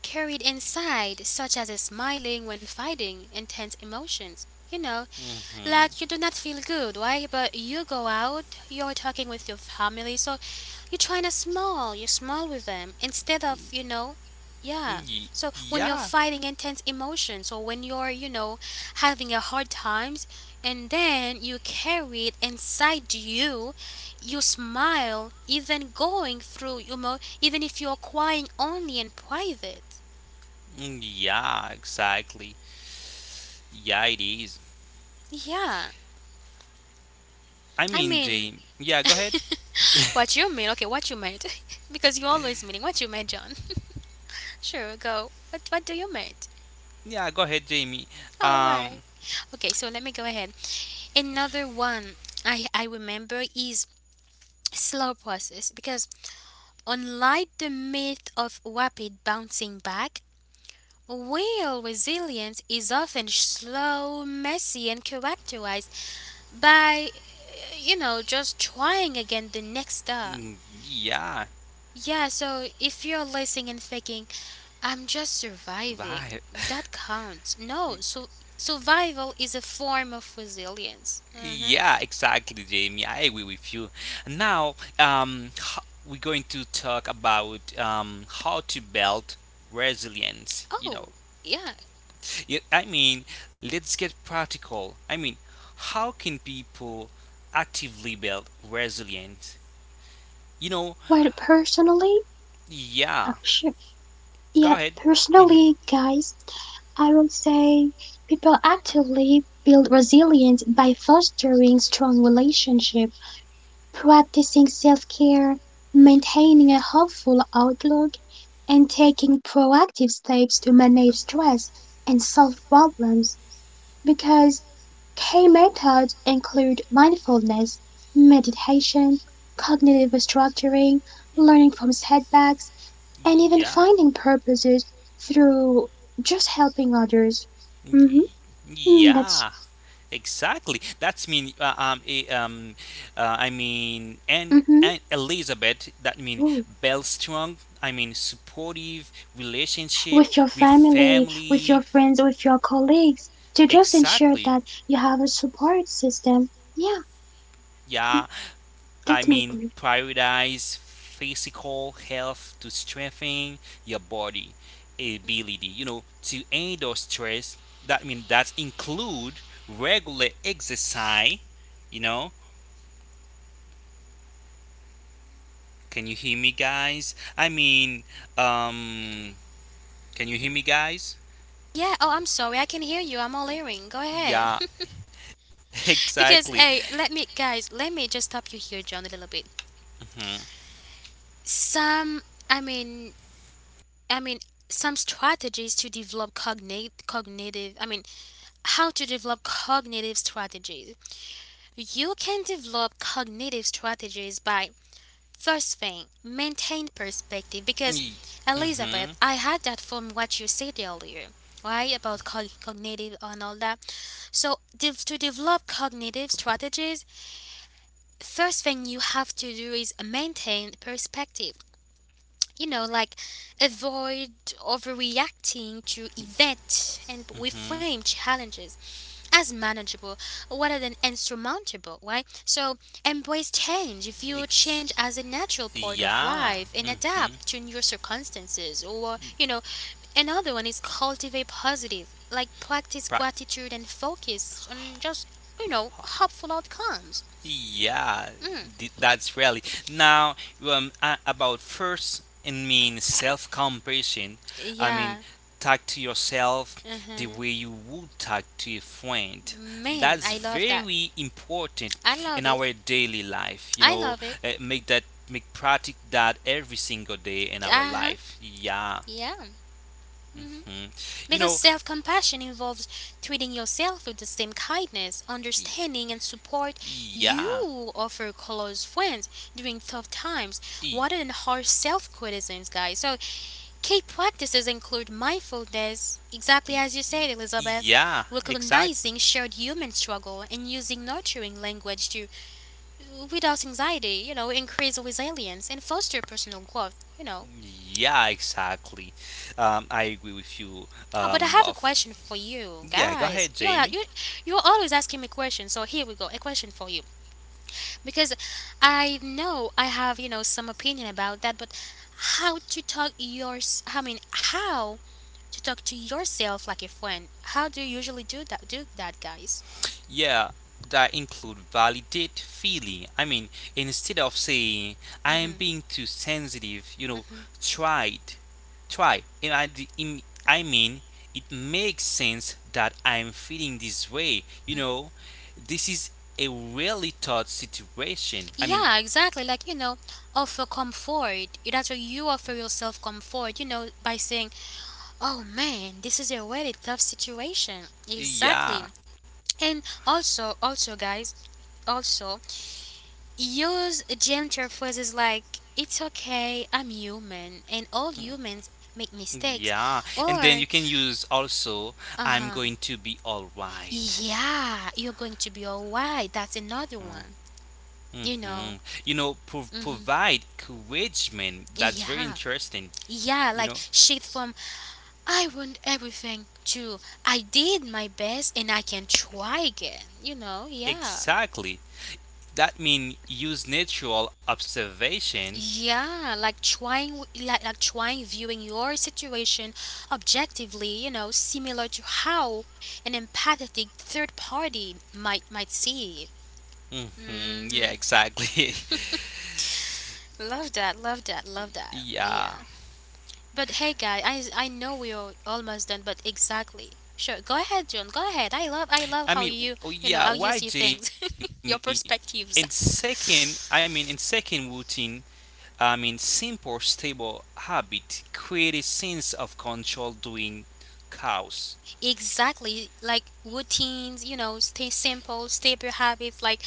carried inside, such as smiling when fighting intense emotions. You know,
Hmm.
like you do not feel good, right? But you go out, you're talking with your family, so you're trying to smile, you smile with them instead of, you know, yeah.
Y-
So when you're
yeah.
fighting intense emotions, or when you're, you know, having a hard times, and then you carry it inside you, you smile, even going through, you know, even if you're crying only in private.
Mm, yeah, exactly. Yeah, it is.
Yeah.
I
I
mean,
mean,
Jamie. Yeah, go ahead.
what you mean? Okay, what you made? because you always meaning what you made, John. Sure, go. What do you made?
Yeah, go ahead, Jamie.
All right.
Um,
Okay, so let me go ahead. Another one I remember is slow process, because unlike the myth of rapid bouncing back, real resilience is often slow, messy, and characterized by you know, just trying again the next day.
mm, yeah.
Yeah, so if you're listening and thinking, I'm just surviving.
Survive.
That counts. No, so survival is a form of resilience. Uh huh.
Yeah, exactly, Jamie. I agree with you. Now, we're going to talk about how to build resilience. You know,
Oh, yeah.
yeah, I mean, let's get practical. I mean, how can people actively build resilience? You know,
Well, personally,
yeah,
sure.
go
Yeah,
ahead. Hmm.
personally, guys, I would say people actively build resilience by fostering strong relationships, practicing self-care, maintaining a hopeful outlook, and taking proactive steps to manage stress and solve problems because key methods include mindfulness, meditation, cognitive restructuring, learning from setbacks, and even
Yeah.
finding purposes through just helping others. Hmm
Y-
that's
yeah. Exactly. That's mean I mean and
hmm
and Elizabeth that mean Bell strong. I mean supportive relationship
With your
with
family, with
family.
your friends, with your colleagues, to just ensure
Exactly.
that you have a support system. Yeah, mm,
Yeah. I
that's my
mean
point.
prioritize physical health to strengthen your body ability. You know to end or stress. That mean that include regular exercise. You know, can you hear me, guys? I mean, um, can you hear me, guys?
Yeah, oh, I'm sorry. I can hear you. I'm all hearing. Go ahead.
Yeah, exactly.
Because, hey, let me, guys, let me just stop you here, John, a little bit.
Mhm.
Some, I mean, I mean, some strategies to develop cognitive, I mean, how to develop cognitive strategies. You can develop cognitive strategies by, first thing, maintain perspective, because
Y-
Elizabeth,
mhm.
I had that from what you said earlier, right? About cognitive and all that. So, to develop cognitive strategies, first thing you have to do is maintain perspective. You know, like, avoid overreacting to events and
Mhm.
reframe challenges as manageable rather than insurmountable, right? So embrace change. View change
Ex-
as a natural part of
yeah.
life and
Mhm.
adapt to new circumstances. Or, you know, another one is cultivate positive, like practice gratitude and focus on just, you know, hopeful outcomes.
Yeah,
Mm.
that's really. Now, about first, I mean self compassion. I mean,
Yeah.
talk to yourself the
Uh-huh.
way you would talk to a friend.
Man,
That's
I love that.
very important
I
in
love it.
our daily life. You
I
know,
love it.
make that make practice that every single day in our
Uh-huh.
life. Yeah,
Yeah. Mhm.
mhm. You
Because
know,
self compassion involves treating yourself with the same kindness,
y-
understanding, and support
yeah,
you offer close friends during tough times
y-
rather than harsh self criticisms, guys. So, key practices include mindfulness, exactly
y-
as you
y-
said, Elizabeth,
yeah, exactly.
recognizing shared human struggle and using nurturing language to, without anxiety, you know, increase resilience, and foster personal growth, you know.
Yeah, exactly. I agree with you,
Oh, but I have a
Buff.
question for you
Yeah, go
guys.
ahead,
You are
Jamie.
you you're always asking me questions, so here we go. A question for you, because I know I have, you know, some opinion about that, but how to talk yours? I mean, how to talk to yourself like a friend? How do you usually do that? Do that, guys?
Yeah, that include validate feeling. I mean, instead of saying I am
Mhm.
being too sensitive, you know,
Mhm.
tried, try. And I, d- im- I mean, it makes sense that I'm feeling this way. You know, this is a really tough situation. I mean,
Yeah, exactly. Like, you know, offer comfort. That's what you offer yourself, comfort. You know, by saying, "Oh man, this is a really tough situation." Exactly.
yeah.
And also, also, guys, also use gentle phrases like, "It's okay, I'm human, and all humans make mistakes,"
Yeah, and then you
or,
can use also
"Uh
I'm
huh,
going to be all right.
yeah, you're going to be alright." That's another one, you know.
Mm-hmm. You know,
Mm-hmm.
provide encouragement. That's very
Yeah,
interesting.
yeah,
You
like
know,
shit from "I want everything" to "I did my best and I can try again," you know. Yeah,
exactly. That means use natural observation.
yeah, like trying, viewing your situation objectively, you know, similar to how an empathetic third party might see it.
Mm-hmm.
Hmm.
Yeah, exactly.
Love that, love that, love that.
yeah.
Yeah. But hey, guy, I know we're almost done, but exactly. Sure, go ahead, John. Go ahead. I love how you know, how
I
you
mean,
see
oh,
things,
yeah, why
your
Jamie?
perspectives.
In second, I mean, in second routine, I mean, simple, stable habit create a sense of control doing chaos.
Exactly, like routines, you know, stay simple, stable habits, like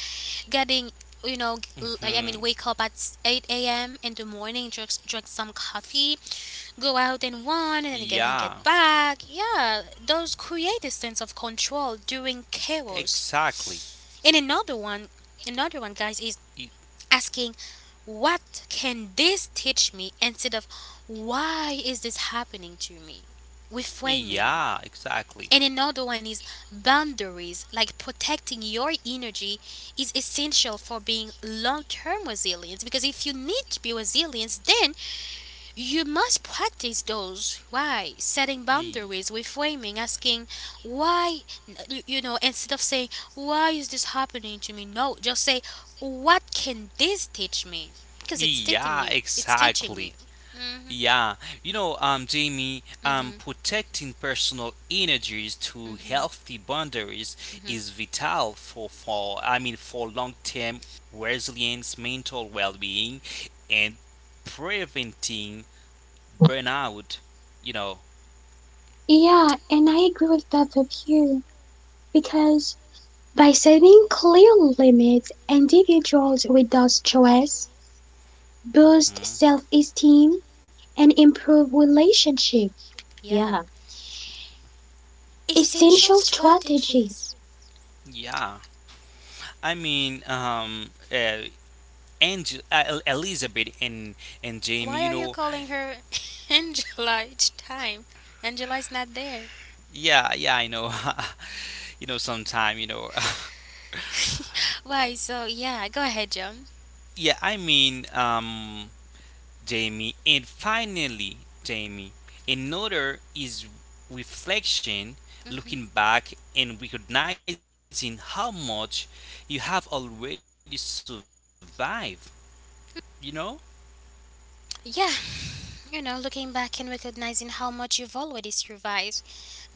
getting, you know, like, I mean,
Hmm.
wake up at 8 a.m. in the morning, drink, drink some coffee, go out and run, and then get
Yeah.
back. Yeah, those create a sense of control during chaos.
Exactly.
And another one, guys, is
Y-
asking, what can this teach me, instead of why is this happening to me? Reframing.
yeah.
And another
Exactly.
one is boundaries, like protecting your energy is essential for being long term resilient. Because if you need to be resilient, then you must practice those. Why? Setting
Y-
boundaries, reframing, asking why, you know, instead of saying, why is this happening to me? No, just say, what can this teach me? Because it's teaching
yeah.
you. It's teaching
Exactly.
you. Hmm.
Yeah. You know, Jamie, protecting personal energies to healthy boundaries is vital for I mean for long term resilience, mental well being, and preventing burnout. You know.
Yeah, and I agree with both of you because by setting clear limits, individuals with those choices boost
Hmm.
self-esteem and improve relationship.
Yeah.
Yeah,
Essential
essential
strategies.
strategies.
Yeah. I mean, Angel, Elizabeth and Jamie,
Why
you
are you
know,
calling her Angela each time? Angela is not there.
yeah, yeah, I know, you know, sometime, you know,
Why, so yeah, go ahead, John.
yeah, I mean, Jamie, and finally, Jamie, another is reflection,
Hmm.
looking back and recognizing how much you have already survived, you know.
Yeah, you know, looking back and recognizing how much you've already survived,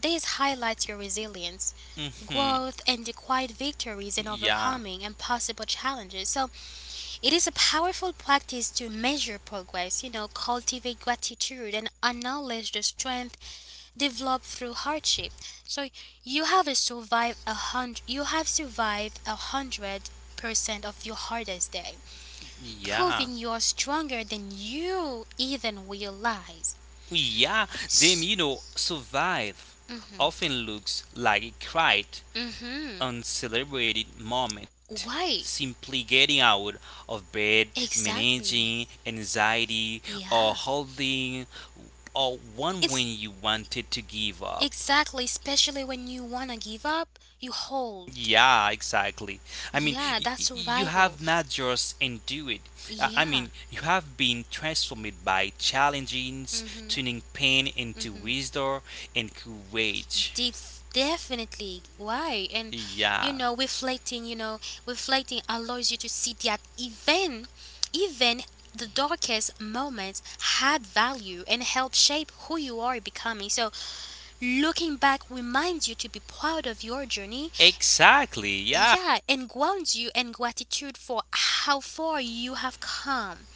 this highlights your resilience, growth,
Yeah,
and the quiet victories in overcoming impossible challenges. So, it is a powerful practice to measure progress, you know, cultivate gratitude, and acknowledge the strength develop through hardship. So you have a survived 100. You have survived 100% of your hardest day,
yeah.
proving you are stronger than you even realize.
Yeah,
S-
Demino survive
mhm,
often looks like a quiet,
mhm.
uncelebrated moment.
Why?
Simply getting out of bed,
Exactly.
managing anxiety, or
Yeah.
holding, or one when
It's
you wanted to give up.
exactly, especially when you wanna give up, you hold.
Yeah, exactly. I mean,
Yeah, that's
you
survival.
have not just endured. I
Yeah.
mean, you have been transformed by challenges,
Mhm.
turning pain into
Mhm.
wisdom and courage.
Definitely. Why?
Yeah.
Reflecting, reflecting allows you to see that even the darkest moments had value and help shape who you are becoming. So looking back reminds you to be proud of your journey.
Exactly. Yeah.
Yeah, and grounds you in gratitude for how far you have come.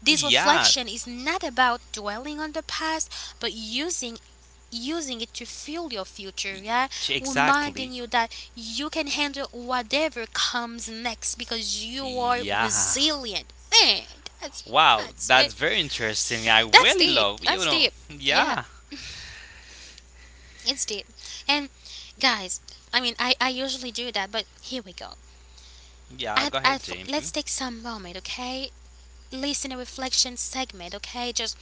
This
Yeah.
reflection is not about dwelling on the past, but using it to fuel your future, yeah?
Ch-
Reminding
exactly.
you that you can handle whatever comes next because you are
Yeah.
resilient. Man, that's
Wow.
that's
That's
it.
very interesting. I
That's
really
deep.
love, you
That's
know.
deep. Yeah,
Yeah.
it's deep. And guys, I mean I usually do that, but here we go.
Yeah.
I,
Go
I,
ahead, Jamie.
let's take some moment, okay? Listen a reflection segment, okay? Just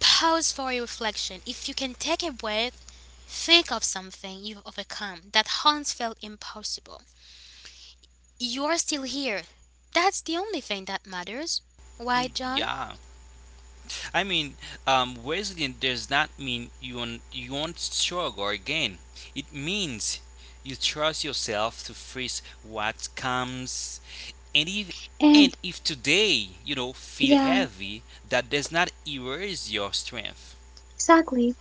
Pause for a reflection. If you can take a breath, think of something you've overcome that once felt impossible. You're still here. That's the only thing that matters. Why, John?
Yeah. I mean, resilient does not mean you won't struggle again. It means you trust yourself to face what comes. And if, and
And
if today, you know, feel
yeah,
heavy, that does not erase your strength.
exactly.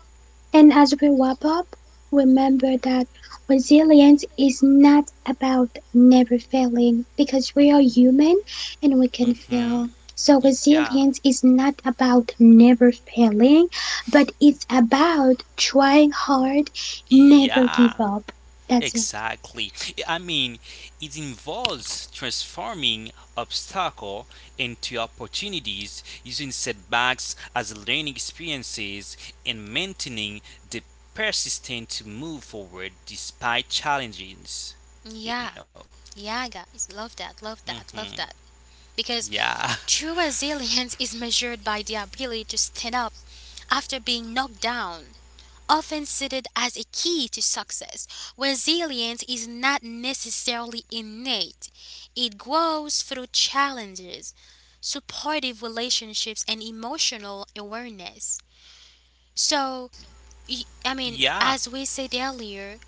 And as we wrap up, remember that resilience is not about never failing because we are human and we can fail.
Mm-hmm.
So,
Yeah.
resilience is not about never failing, but it's about trying hard, never give
Yeah,
up. That's it.
exactly. I mean, it involves transforming obstacle into opportunities, using setbacks as learning experiences, and maintaining the persistence to move forward despite challenges. You
Yeah,
know.
yeah, guys. Love that, love that,
Mhm.
love that. Because
Yeah.
true resilience is measured by the ability to stand up after being knocked down, often cited as a key to success. Resilience is not necessarily innate, it grows through challenges, supportive relationships, and emotional awareness. So, I mean,
Yeah.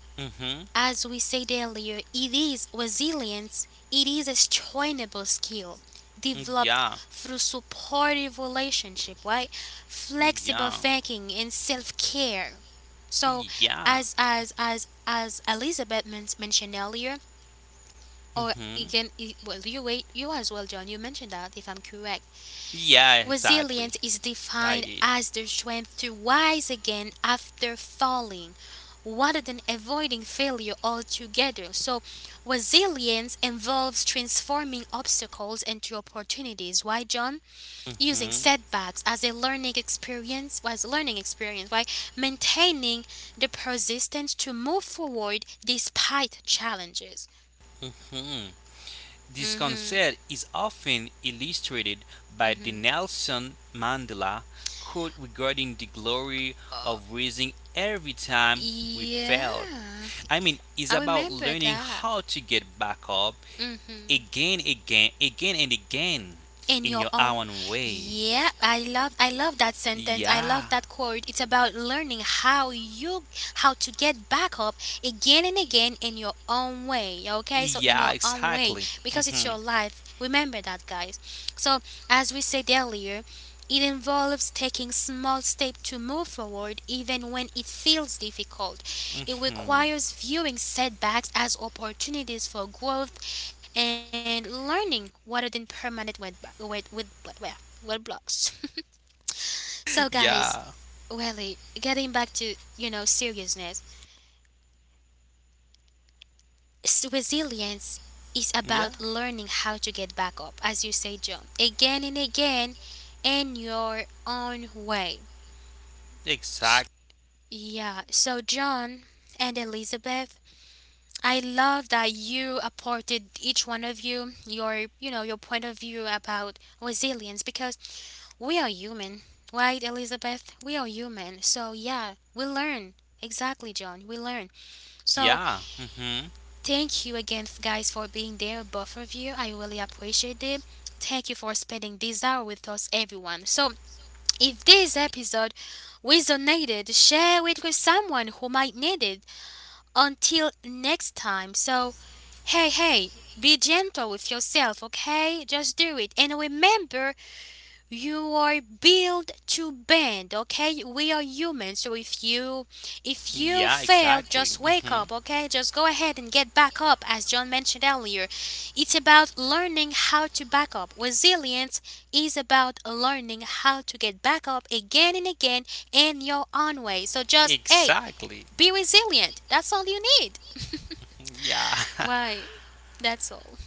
Mhm.
as we said earlier, it is resilience, it is a trainable skill developed
Yeah.
through supportive relationship, right? Flexible
Yeah.
thinking and self-care. So
Yeah.
as mentioned earlier, or
Mhm.
again, you wait, you as well, John. You mentioned that, if I'm correct.
Yeah. Exactly.
Resilience is
I
defined
did.
as the strength to rise again after falling rather than avoiding failure altogether. So, resilience involves transforming obstacles into opportunities. Why, John? Using
Mhm,
setbacks as a learning experience, as a learning experience, why? Maintaining the persistence to move forward despite challenges.
mhm. This
Mhm.
concept is often illustrated by the
mm
Nelson Mandela quote regarding the glory
Mhm.
of raising every time we
Yeah.
fail. I mean, it's
I
about
remember
learning
that.
how to get back up
Mhm.
again, again, again, and again
In
in
your
your
own.
own way.
Yeah, I love I love that sentence, I love
Yeah,
that quote. It's about learning how you how to get back up again and again in your own way, okay? So in
yeah,
your own way,
exactly.
because it's
Mhm.
your life, remember that, guys. So as we said earlier, it involves taking small steps to move forward even when it feels difficult. It requires viewing setbacks as opportunities for growth and learning rather than permanent web, web, well, web blocks. So,
yeah,
guys, really, getting back to, seriousness, resilience is
yeah,
about learning how to get back up, as you say, John, again and again in your own way. S-
exactly.
Yeah, so, John and Elizabeth, I love that you apported each one of you your, your point of view about resilience because we are human, right, Elizabeth? We are human. So, yeah, we learn. Exactly, John. We learn. So,
Yeah. Hmm.
thank you again, guys, for being there, both of you. I really appreciate it. Thank you for spending this hour with us, everyone. So, if this episode resonated, share it with someone who might need it. Until next time. So, hey, hey, be gentle with yourself, okay? Just do it. And remember, you are built to bend, okay? We are human, so if you
Yeah,
fail,
exactly.
just wake
Hmm.
up, okay? Just go ahead and get back up. As John mentioned earlier, it's about learning how to back up. Resilience is about learning how to get back up again and again in your own way. So just hey,
Exactly.
be resilient, that's all you need.
Yeah.
Why? That's all.